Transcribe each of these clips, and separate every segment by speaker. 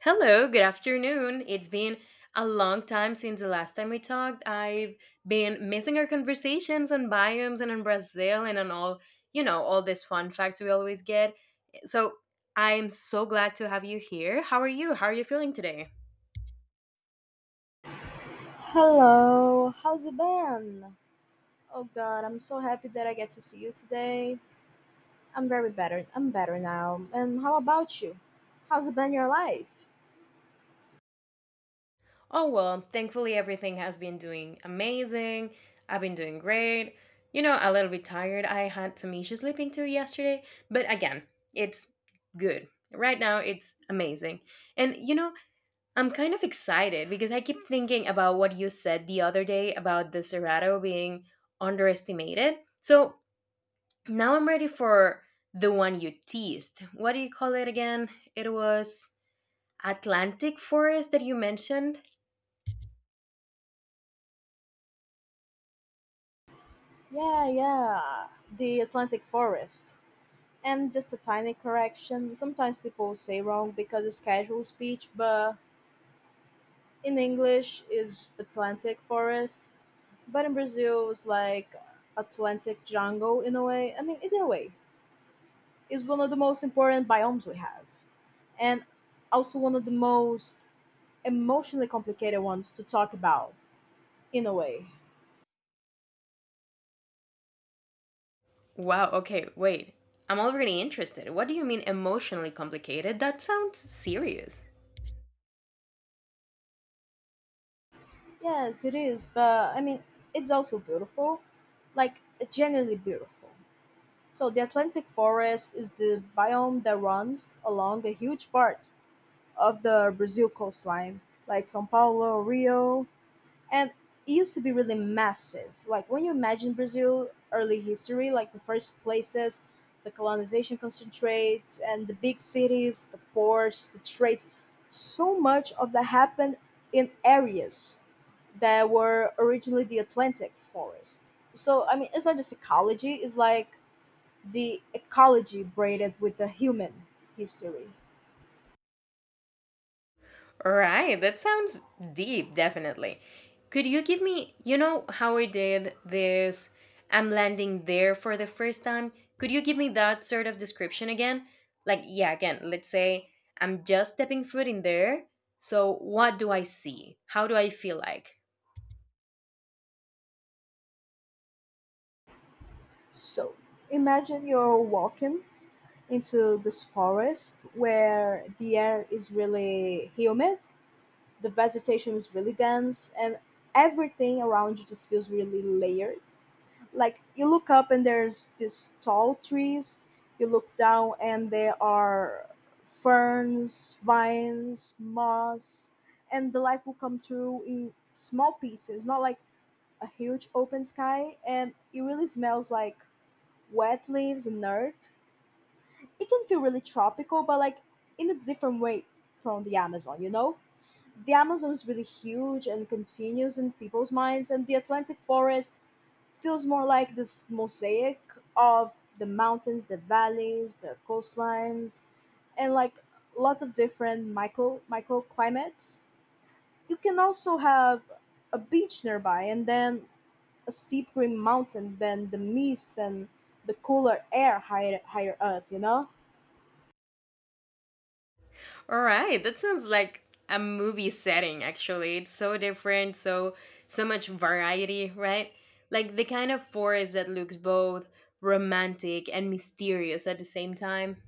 Speaker 1: Hello, good afternoon. It's been a long time since the last time we talked. I've been missing our conversations on biomes and on Brazil and on all these fun facts we always get. So I'm so glad to have you here. How are you? How are you feeling today?
Speaker 2: Hello, how's it been? Oh god, I'm so happy that I get to see you today. I'm very better. I'm better now. And how about you? How's it been your life?
Speaker 1: Oh, well, thankfully everything has been doing amazing. I've been doing great. You know, a little bit tired. I had some issues sleeping too yesterday, but again, it's good. Right now, it's amazing. And I'm kind of excited because I keep thinking about what you said the other day about the Cerrado being underestimated. So now I'm ready for the one you teased. What do you call it again? It was Atlantic Forest that you mentioned.
Speaker 2: Yeah, yeah. The Atlantic Forest. And just a tiny correction. Sometimes people say wrong because it's casual speech, but in English is Atlantic Forest. But in Brazil it's like Atlantic jungle in a way. I mean, either way, it's one of the most important biomes we have. And also one of the most emotionally complicated ones to talk about in a way.
Speaker 1: Wow, okay, wait. I'm already interested. What do you mean emotionally complicated? That sounds serious.
Speaker 2: Yes, it is, but I mean, it's also beautiful, like genuinely beautiful. So, the Atlantic forest is the biome that runs along a huge part of the Brazil coastline, like Sao Paulo, Rio, and it used to be really massive. Like when you imagine Brazil early history, like the first places the colonization concentrates and the big cities, the ports, the trades, so much of that happened in areas that were originally the Atlantic forest. So I mean, it's not just ecology; it's like the ecology braided with the human history.
Speaker 1: Right. That sounds deep, definitely. Could you give me, you know, how I did this? I'm landing there for the first time. Could you give me that sort of description again? Like, yeah, again, let's say I'm just stepping foot in there. So, what do I see? How do I feel like?
Speaker 2: So imagine you're walking into this forest where the air is really humid, the vegetation is really dense, and everything around you just feels really layered. Like you look up and there's these tall trees, you look down and there are ferns, vines, moss, and the light will come through in small pieces, not like a huge open sky, and it really smells like wet leaves and earth. It can feel really tropical, but like in a different way from the Amazon, you know? The Amazon is really huge and continues in people's minds, and the Atlantic forest feels more like this mosaic of the mountains, the valleys, the coastlines, and like lots of different microclimates. You can also have a beach nearby and then a steep green mountain, then the mist and the cooler air higher up, you know?
Speaker 1: All right, that sounds like a movie setting actually. It's so different, so much variety, right? Like the kind of forest that looks both romantic and mysterious at the same time.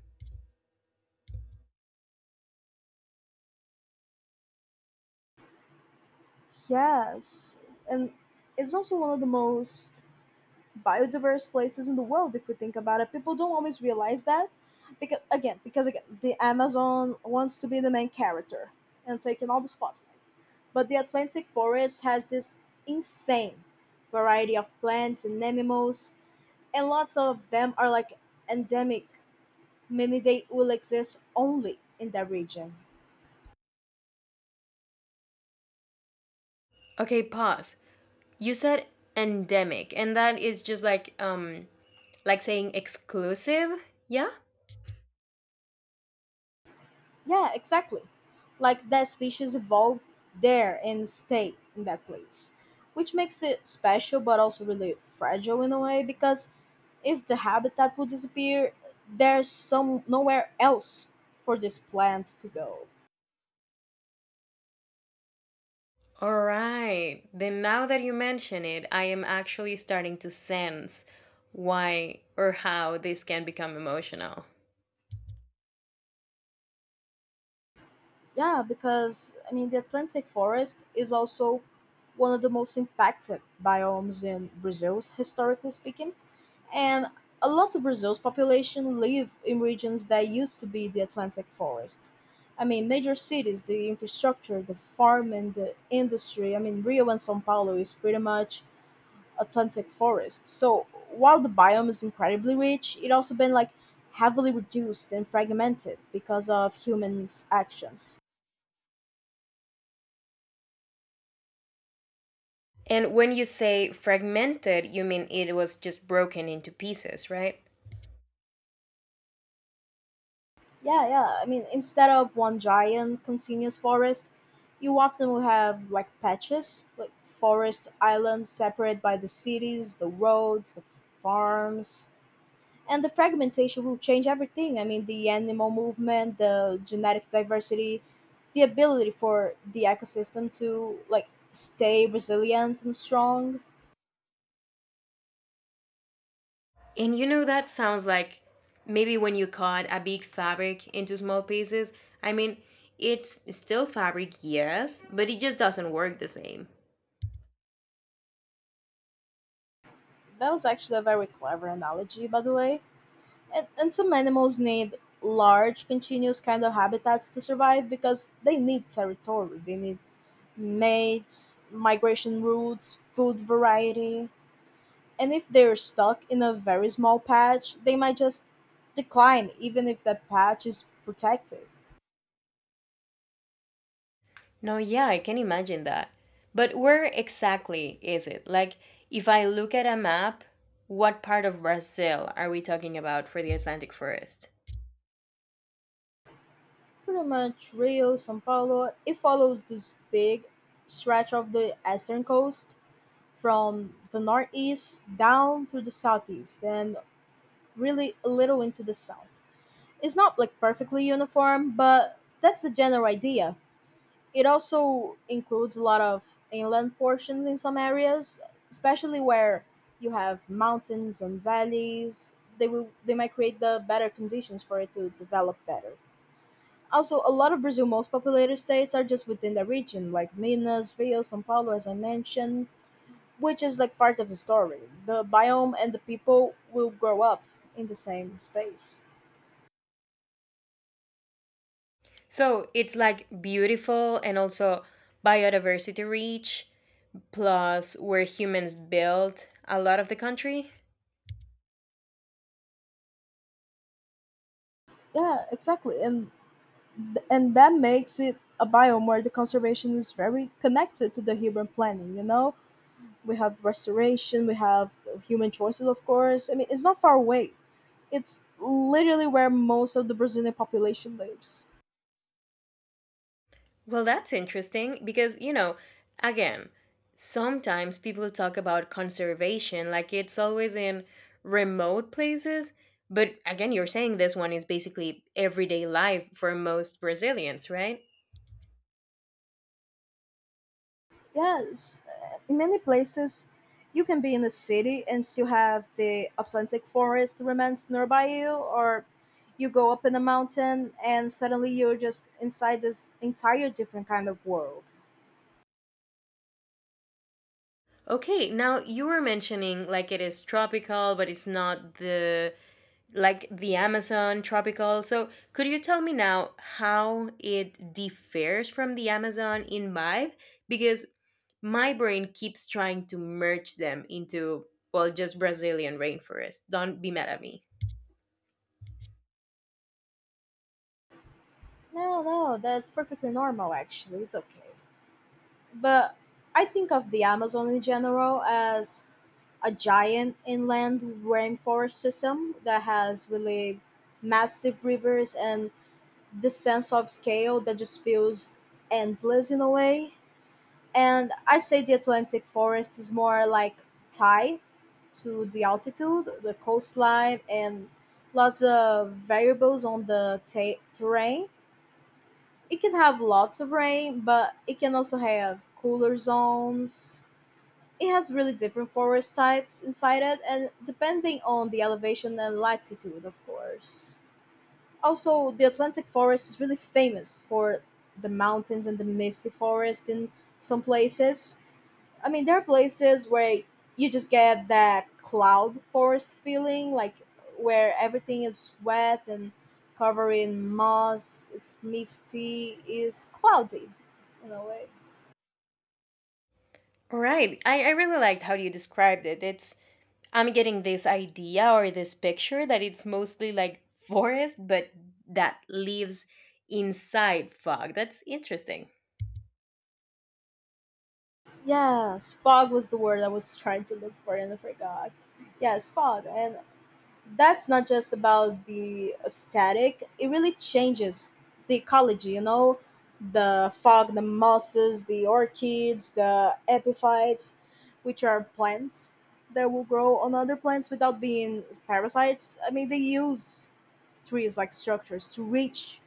Speaker 2: Yes, and it's also one of the most biodiverse places in the world if we think about it. People don't always realize that because again, the Amazon wants to be the main character and taking all the spotlight. But the Atlantic forest has this insane variety of plants and animals, and lots of them are like endemic, meaning they will exist only in that region.
Speaker 1: Okay, pause. You said endemic, and that is just like saying exclusive, yeah?
Speaker 2: Yeah, exactly. Like that species evolved there and stayed in that place, which makes it special but also really fragile in a way because if the habitat would disappear, there's some nowhere else for this plant to go.
Speaker 1: All right. Then now that you mention it, I am actually starting to sense why or how this can become emotional.
Speaker 2: Yeah, because I mean the Atlantic forest is also one of the most impacted biomes in Brazil historically speaking. And a lot of Brazil's population live in regions that used to be the Atlantic forest. I mean, major cities, the infrastructure, the farm and the industry. I mean, Rio and São Paulo is pretty much Atlantic forest. So while the biome is incredibly rich, it also been like heavily reduced and fragmented because of humans' actions.
Speaker 1: And when you say fragmented, you mean it was just broken into pieces, right?
Speaker 2: Yeah, yeah. I mean, instead of one giant continuous forest, you often will have like patches, like forest islands separated by the cities, the roads, the farms. And the fragmentation will change everything. I mean, the animal movement, the genetic diversity, the ability for the ecosystem to like stay resilient and strong.
Speaker 1: And that sounds like maybe when you cut a big fabric into small pieces. I mean, it's still fabric, yes, but it just doesn't work the same.
Speaker 2: That was actually a very clever analogy, by the way. And some animals need large, continuous kind of habitats to survive because they need territory. They need mates, migration routes, food variety. And if they're stuck in a very small patch, they might just decline, even if that patch is protected.
Speaker 1: No, yeah, I can imagine that. But where exactly is it? Like, if I look at a map, what part of Brazil are we talking about for the Atlantic Forest?
Speaker 2: Pretty much Rio, Sao Paulo, it follows this big stretch of the eastern coast from the northeast down to the southeast and really a little into the south. It's not like perfectly uniform, but that's the general idea. It also includes a lot of inland portions in some areas, especially where you have mountains and valleys. They might create the better conditions for it to develop better. Also, a lot of Brazil's most populated states are just within the region, like Minas, Rio, São Paulo, as I mentioned, which is like part of the story. The biome and the people will grow up in the same space.
Speaker 1: So it's like beautiful and also biodiversity rich, plus where humans built a lot of the country.
Speaker 2: Yeah, exactly. And that makes it a biome where the conservation is very connected to the urban planning, you know. We have restoration, we have human choices, of course. I mean, it's not far away, it's literally where most of the Brazilian population lives.
Speaker 1: Well, that's interesting because, again, sometimes people talk about conservation like it's always in remote places. But again, you're saying this one is basically everyday life for most Brazilians, right?
Speaker 2: Yes, in many places you can be in a city and still have the Atlantic forest remains nearby you, or you go up in a mountain and suddenly you're just inside this entire different kind of world.
Speaker 1: Okay, now you were mentioning like it is tropical, but it's not the like the Amazon tropical. So, could you tell me now how it differs from the Amazon in vibe? Because my brain keeps trying to merge them into, well, just Brazilian rainforest. Don't be mad at me.
Speaker 2: No, no, that's perfectly normal actually. It's okay. But I think of the Amazon in general as a giant inland rainforest system that has really massive rivers and this sense of scale that just feels endless in a way. And I'd say the Atlantic forest is more like tied to the altitude, the coastline, and lots of variables on the ta terrain. It can have lots of rain, but it can also have cooler zones. It has really different forest types inside it, and depending on the elevation and latitude, of course. Also, the Atlantic forest is really famous for the mountains and the misty forest in some places. I mean, there are places where you just get that cloud forest feeling, like where everything is wet and covered in moss, it's misty, it's cloudy in a way.
Speaker 1: All right. I really liked how you described it. I'm getting this idea or this picture that it's mostly like forest, but that lives inside fog. That's interesting.
Speaker 2: Yes, fog was the word I was trying to look for and I forgot. Yes, fog. And that's not just about the aesthetic, it really changes the ecology, you know. The fog, the mosses, the orchids, the epiphytes, which are plants that will grow on other plants without being parasites. I mean, they use trees like structures to reach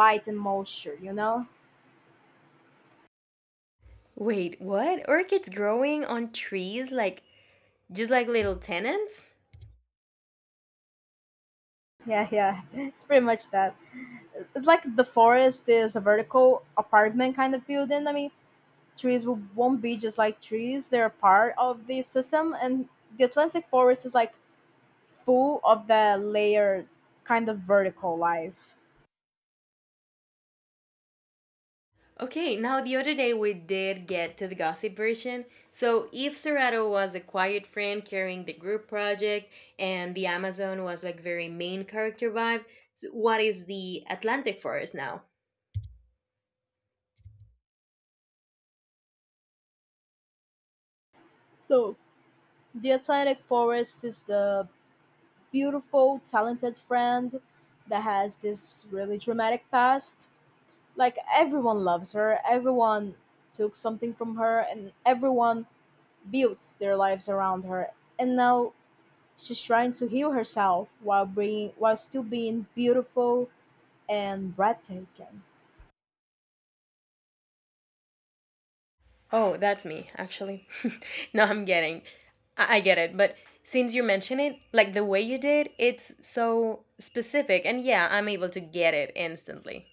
Speaker 2: light and moisture, you know?
Speaker 1: Wait, what? Orchids growing on trees just like little tenants?
Speaker 2: Yeah, yeah, it's pretty much that. It's like the forest is a vertical apartment kind of building. I mean, trees won't be just like trees, they're part of the system, and the Atlantic forest is like full of that layered kind of vertical life.
Speaker 1: Okay, now the other day we did get to the gossip version. So, Eve Serrato was a quiet friend carrying the group project, and the Amazon was like very main character vibe. So what is the Atlantic forest now?
Speaker 2: So the Atlantic forest is the beautiful talented friend that has this really dramatic past. Like everyone loves her, everyone took something from her, and everyone built their lives around her. And now she's trying to heal herself while still being beautiful and breathtaking.
Speaker 1: Oh, that's me, actually. No, I'm getting. I get it, but since you mention it, like the way you did, it's so specific, and yeah, I'm able to get it instantly.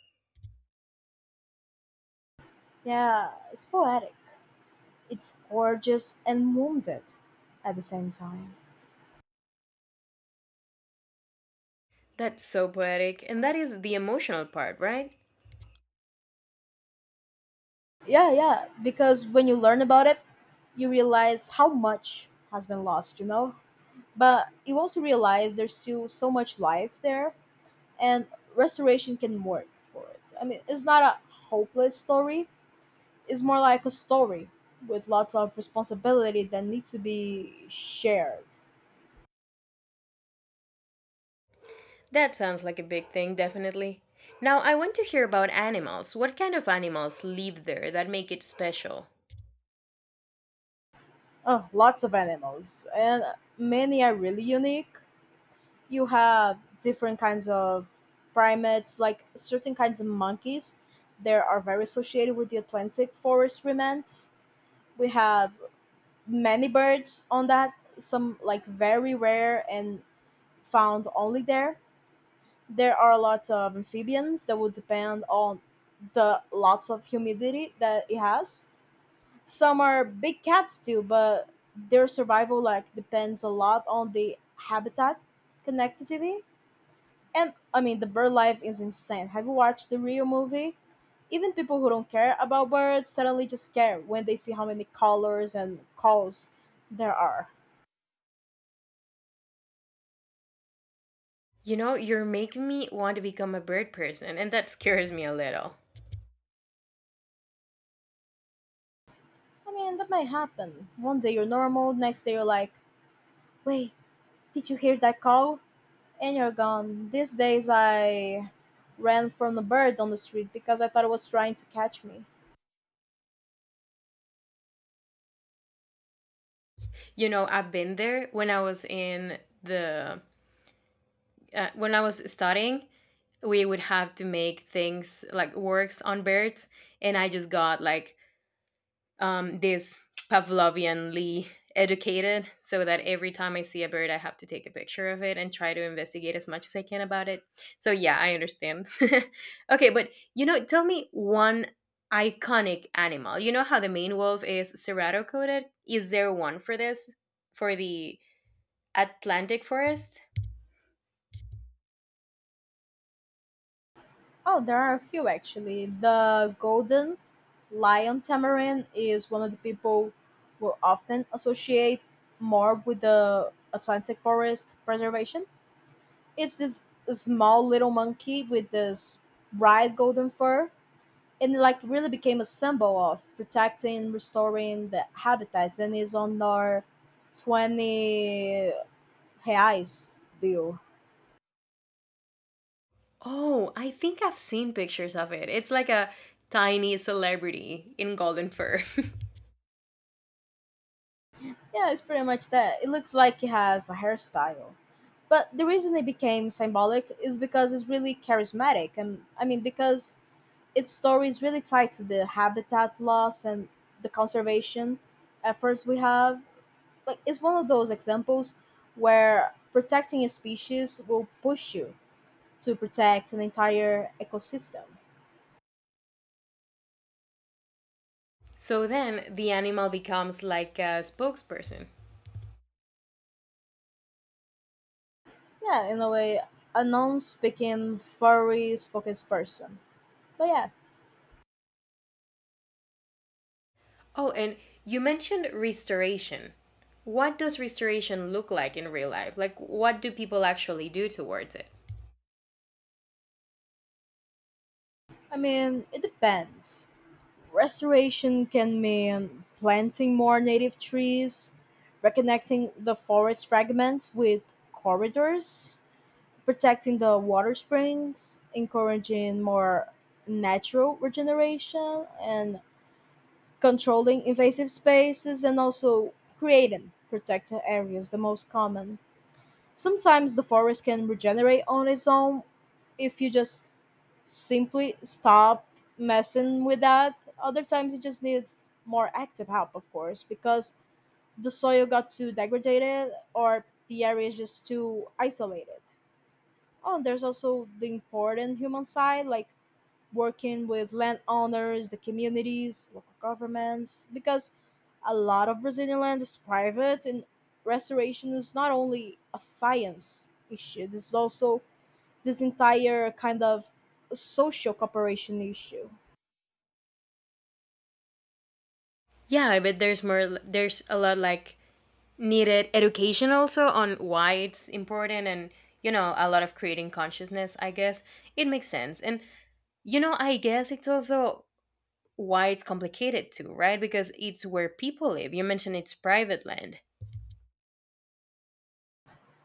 Speaker 2: Yeah, it's poetic. It's gorgeous and wounded at the same time.
Speaker 1: That's so poetic, and that is the emotional part, right?
Speaker 2: Yeah, yeah, because when you learn about it, you realize how much has been lost, you know? But you also realize there's still so much life there, and restoration can work for it. I mean, it's not a hopeless story, it's more like a story with lots of responsibility that needs to be shared.
Speaker 1: That sounds like a big thing, definitely. Now, I want to hear about animals. What kind of animals live there that make it special?
Speaker 2: Oh, lots of animals, and many are really unique. You have different kinds of primates, like certain kinds of monkeys. They are very associated with the Atlantic forest remnants. We have many birds on that, some like very rare and found only there. There are lots of amphibians that would depend on the lots of humidity that it has. Some are big cats too, but their survival like depends a lot on the habitat connectivity. And I mean the bird life is insane. Have you watched the Rio movie? Even people who don't care about birds suddenly just care when they see how many colors and calls there are.
Speaker 1: You know, you're making me want to become a bird person, and that scares me a little.
Speaker 2: I mean that might happen. One day you're normal, next day you're like, "Wait, did you hear that call?" And you're gone. These days I ran from the bird on the street because I thought it was trying to catch me.
Speaker 1: You know, I've been there when I was the studying, we would have to make things like works on birds, and I just got like this Pavlovianly educated so that every time I see a bird, I have to take a picture of it and try to investigate as much as I can about it. So, yeah, I understand. Okay, but tell me one iconic animal. You know how the Maine wolf is serrato coated? Is there one for this? For the Atlantic forest?
Speaker 2: Oh, there are a few actually. The golden lion tamarin is one of the people will often associate more with the Atlantic forest preservation. It's this small little monkey with this bright golden fur, and it, like really became a symbol of protecting, restoring the habitats and is on our 20 reais bill.
Speaker 1: Oh, I think I've seen pictures of it. It's like a tiny celebrity in golden fur.
Speaker 2: Yeah, it's pretty much that. It looks like he has a hairstyle. But the reason it became symbolic is because it's really charismatic, and I mean, because its story is really tied to the habitat loss and the conservation efforts we have. Like, it's one of those examples where protecting a species will push you to protect an entire ecosystem.
Speaker 1: So then the animal becomes like a spokesperson.
Speaker 2: Yeah, in a way, a non speaking, furry spoken person. But yeah,
Speaker 1: Oh, and you mentioned restoration. What does restoration look like in real life? Like, what do people actually do towards it?
Speaker 2: I mean, it depends. Restoration can mean planting more native trees, reconnecting the forest fragments with corridors, protecting the water springs, encouraging more natural regeneration, and controlling invasive spaces, and also creating protected areas, the most common. Sometimes the forest can regenerate on its own if you just simply stop messing with that. Other times it just needs more active help, of course, because the soil got too degraded or the area is just too isolated. Oh, and there's also the important human side, like working with landowners, the communities, local governments, because a lot of Brazilian land is private and restoration is not only a science issue, this is also this entire kind of social cooperation issue.
Speaker 1: Yeah, I bet there's more, there's a lot like needed education also on why it's important and, a lot of creating consciousness, I guess. It makes sense. And, I guess it's also why it's complicated too, right? Because it's where people live. You mentioned it's private land.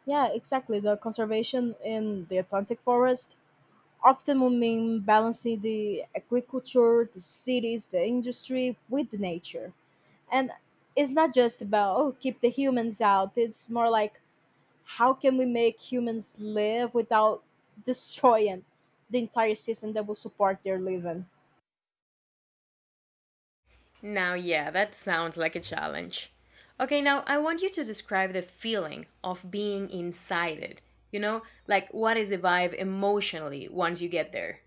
Speaker 2: Yeah, exactly. The conservation in the Atlantic forest often will mean balancing the agriculture, the cities, the industry with the nature. And it's not just about, oh, keep the humans out. It's more like how can we make humans live without destroying the entire system that will support their living?
Speaker 1: Now, yeah, that sounds like a challenge. Okay, now I want you to describe the feeling of being inside it. You know, like what is the vibe emotionally once you get there?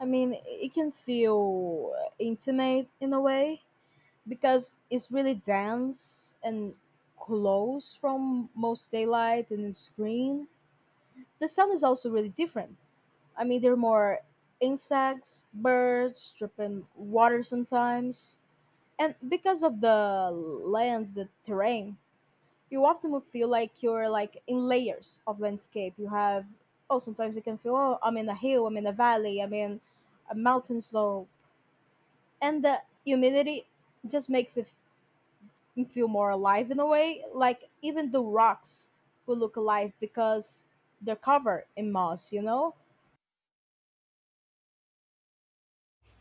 Speaker 2: I mean, it can feel intimate in a way because it's really dense and close from most daylight and it's green. The sound is also really different. I mean, there are more insects, birds, dripping water sometimes. And because of the lands, the terrain, you often will feel like you're like in layers of landscape. You have oh sometimes you can feel oh I'm in a hill, I'm in a valley, I'm in a mountain slope, and the humidity just makes it feel more alive in a way. Like even the rocks will look alive because they're covered in moss. You know?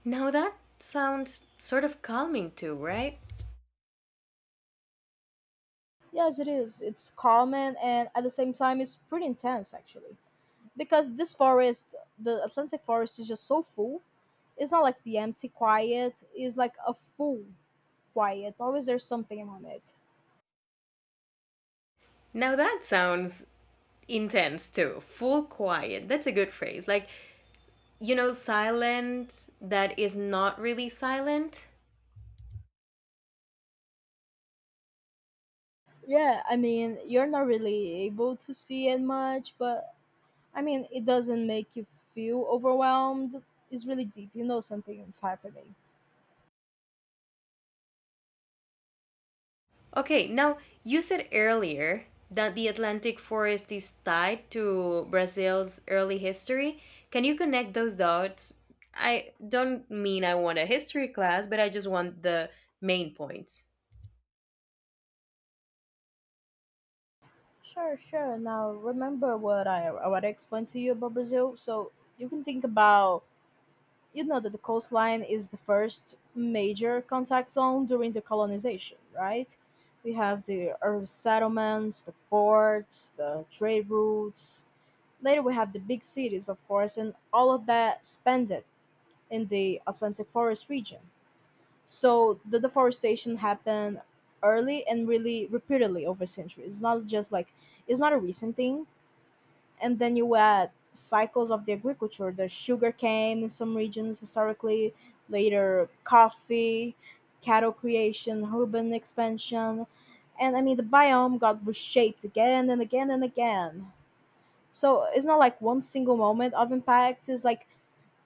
Speaker 1: Now that sounds sort of calming too, right?
Speaker 2: Yes, it is. It's calming and at the same time it's pretty intense actually. Because this forest, the Atlantic forest, is just so full. It's not like the empty quiet, it's like a full quiet. Always there's something on it.
Speaker 1: Now that sounds intense too. Full quiet. That's a good phrase. Like, silent that is not really silent.
Speaker 2: Yeah, I mean, you're not really able to see it much, but I mean, it doesn't make you feel overwhelmed. It's really deep, you know, something is happening.
Speaker 1: Okay, now you said earlier that the Atlantic forest is tied to Brazil's early history. Can you connect those dots? I don't mean I want a history class, but I just want the main points.
Speaker 2: Sure, sure. Now remember what I explained to you about Brazil. So you can think about, you know, that the coastline is the first major contact zone during the colonization, right? We have the early settlements, the ports, the trade routes. Later, we have the big cities, of course, and all of that spent it in the Atlantic forest region. So the deforestation happened early and really repeatedly over centuries. Not just like, it's not a recent thing. And then you add cycles of the agriculture, the sugar cane in some regions historically, later coffee, cattle creation, urban expansion, and I mean, the biome got reshaped again and again and again. So it's not like one single moment of impact, it's like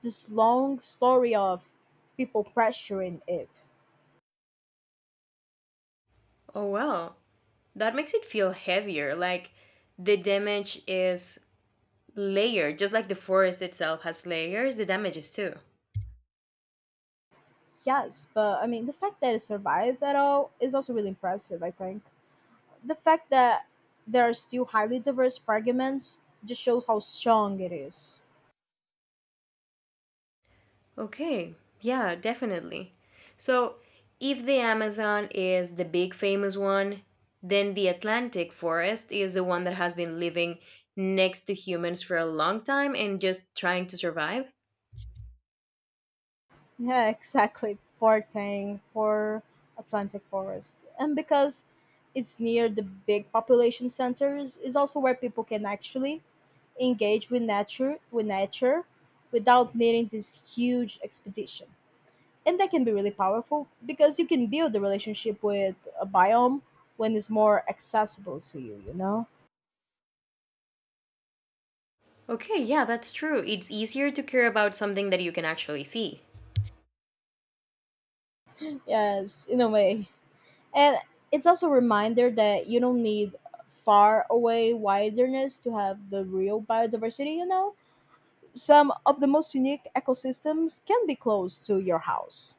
Speaker 2: this long story of people pressuring it.
Speaker 1: Oh, well, that makes it feel heavier, like the damage is layered, just like the forest itself has layers, the damage is too.
Speaker 2: Yes, but I mean, the fact that it survived at all is also really impressive, I think. The fact that there are still highly diverse fragments just shows how strong it is.
Speaker 1: Okay. Yeah, definitely. So, if the Amazon is the big famous one, then the Atlantic forest is the one that has been living next to humans for a long time and just trying to survive.
Speaker 2: Yeah, exactly. Poor thing, poor Atlantic Forest. And because it's near the big population centers, is also where people can actually engage with nature without needing this huge expedition. And that can be really powerful because you can build a relationship with a biome when it's more accessible to you, you know?
Speaker 1: Okay, yeah, that's true. It's easier to care about something that you can actually see.
Speaker 2: Yes, in a way. And it's also a reminder that you don't need far away wilderness to have the real biodiversity, you know? Some of the most unique ecosystems can be close to your house.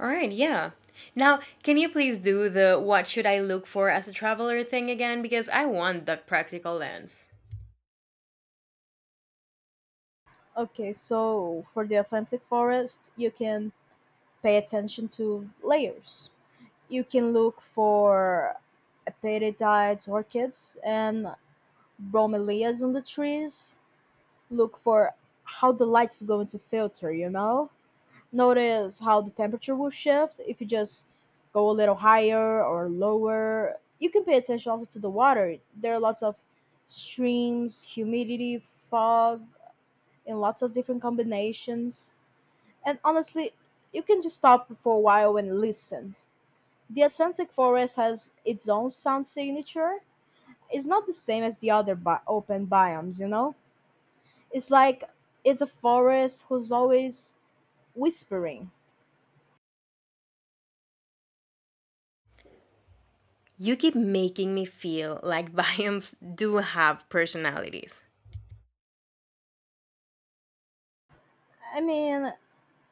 Speaker 1: All right, yeah. Now, can you please do the what should I look for as a traveler thing again? Because I want that practical lens.
Speaker 2: Okay, so for the Atlantic forest, you can pay attention to layers. You can look for epiphytides, orchids, and bromeliads on the trees. Look for how the light's going to filter, you know? Notice how the temperature will shift if you just go a little higher or lower. You can pay attention also to the water. There are lots of streams, humidity, fog, in lots of different combinations. And honestly, you can just stop for a while and listen. The Atlantic forest has its own sound signature. It's not the same as the other open biomes, you know? It's like it's a forest who's always whispering.
Speaker 1: You keep making me feel like biomes do have personalities.
Speaker 2: I mean,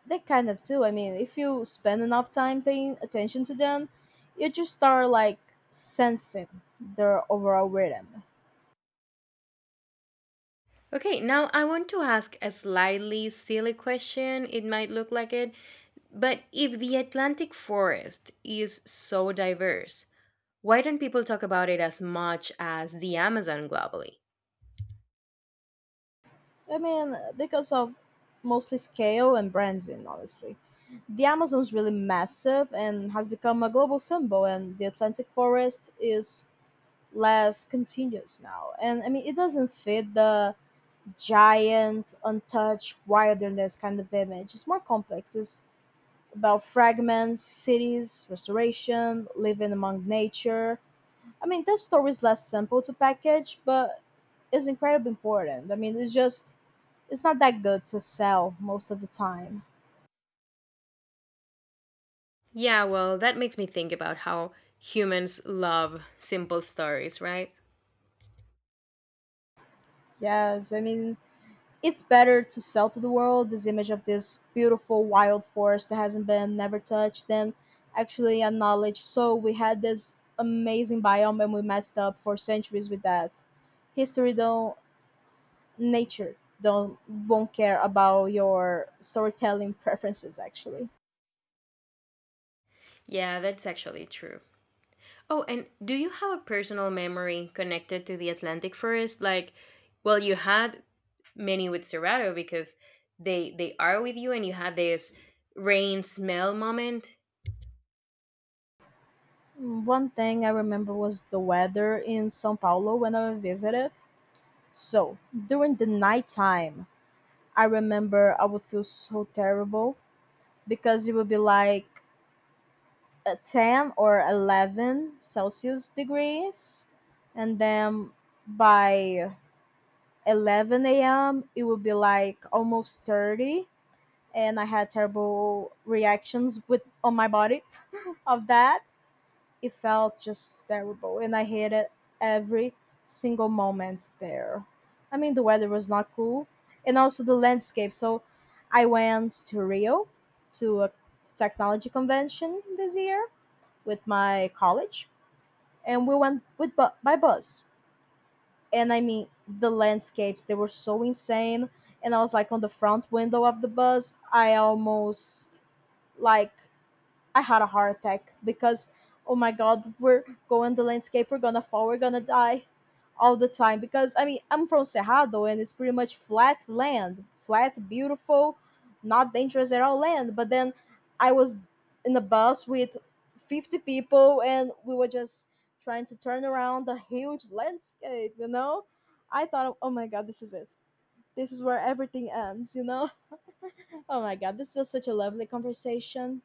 Speaker 2: they kind of do. I mean, if you spend enough time paying attention to them, you just start like sensing their overall rhythm.
Speaker 1: Okay, now I want to ask a slightly silly question. It might look like it, but if the Atlantic forest is so diverse, why don't people talk about it as much as the Amazon globally?
Speaker 2: I mean, because of mostly scale and branding, honestly. The Amazon's really massive and has become a global symbol, and the Atlantic forest is less continuous now. And I mean, it doesn't fit the giant, untouched wilderness kind of image. It's more complex. It's about fragments, cities, restoration, living among nature. I mean, that story is less simple to package, but it's incredibly important. I mean, it's just, it's not that good to sell most of the time.
Speaker 1: Yeah, well, that makes me think about how humans love simple stories, right?
Speaker 2: Yes, I mean, it's better to sell to the world this image of this beautiful wild forest that hasn't been never touched than actually acknowledge so we had this amazing biome and we messed up for centuries with that history. Don't, nature don't, won't care about your storytelling preferences actually.
Speaker 1: Yeah, that's actually true. Oh, and do you have a personal memory connected to the Atlantic forest? Like, well, you had many with Cerrado because they are with you, and you had this rain smell moment.
Speaker 2: One thing I remember was the weather in Sao Paulo when I visited. So during the nighttime, I remember I would feel so terrible because it would be like 10 or 11 celsius degrees, and then by 11 a.m. it would be like almost 30, and I had terrible reactions with on my body of that. It felt just terrible, and I hated every single moment there. I mean, the weather was not cool. And also the landscape. So I went to Rio to a technology convention this year with my college, and we went with by bus. And I mean, the landscapes, they were so insane, and I was like on the front window of the bus. I almost like, I had a heart attack because oh my god, we're going to landscape, we're gonna fall, we're gonna die all the time. Because I mean I'm from Cerrado and it's pretty much flat land. Flat, beautiful, not dangerous at all land. But then I was in a bus with 50 people and we were just trying to turn around the huge landscape, you know? I thought oh my god, this is it. This is where everything ends, you know? Oh my god, this is just such a lovely conversation.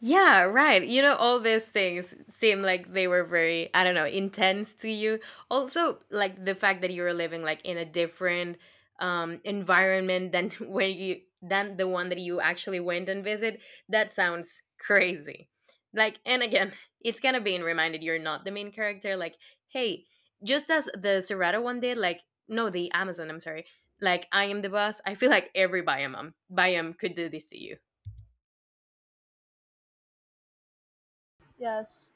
Speaker 1: Yeah, right. You know, all these things seem like they were very, I don't know, intense to you. Also, like the fact that you were living like in a different environment than where you than the one that you actually went and visit, that sounds crazy. Like, and again, it's kind of being reminded you're not the main character. Like, hey, just as the Serrata one did, like, no, the Amazon, I'm sorry. Like, I am the boss. I feel like every Biome could do this to you.
Speaker 2: Yes.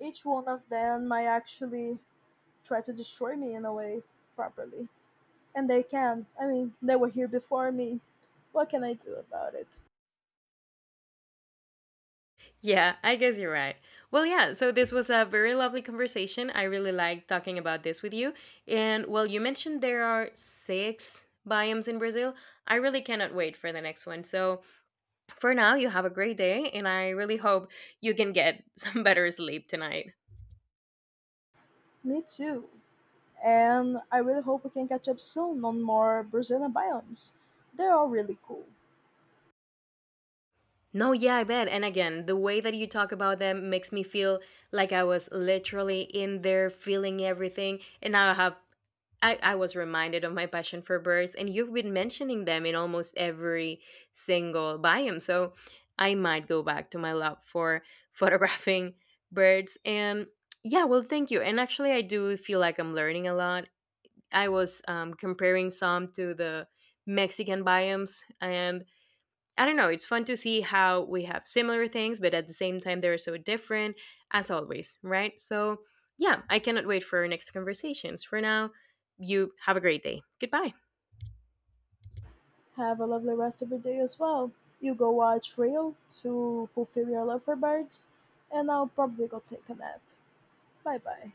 Speaker 2: Each one of them might actually try to destroy me in a way, properly. And they can. I mean, they were here before me. What can I do about it?
Speaker 1: Yeah, I guess you're right. Well, yeah, so this was a very lovely conversation. I really like talking about this with you. And well, you mentioned there are six biomes in Brazil. I really cannot wait for the next one. So for now, you have a great day, and I really hope you can get some better sleep tonight.
Speaker 2: Me too. And I really hope we can catch up soon on more Brazilian biomes. They're all really cool.
Speaker 1: No, yeah, I bet. And again, the way that you talk about them makes me feel like I was literally in there feeling everything. And now I was reminded of my passion for birds, and you've been mentioning them in almost every single biome. So I might go back to my love for photographing birds. And yeah, well, thank you. And actually, I do feel like I'm learning a lot. I was comparing some to the Mexican biomes, and I don't know, it's fun to see how we have similar things, but at the same time, they're so different, as always, right? So, yeah, I cannot wait for our next conversations. For now, you have a great day. Goodbye.
Speaker 2: Have a lovely rest of your day as well. You go watch Rio to fulfill your love for birds, and I'll probably go take a nap. Bye bye.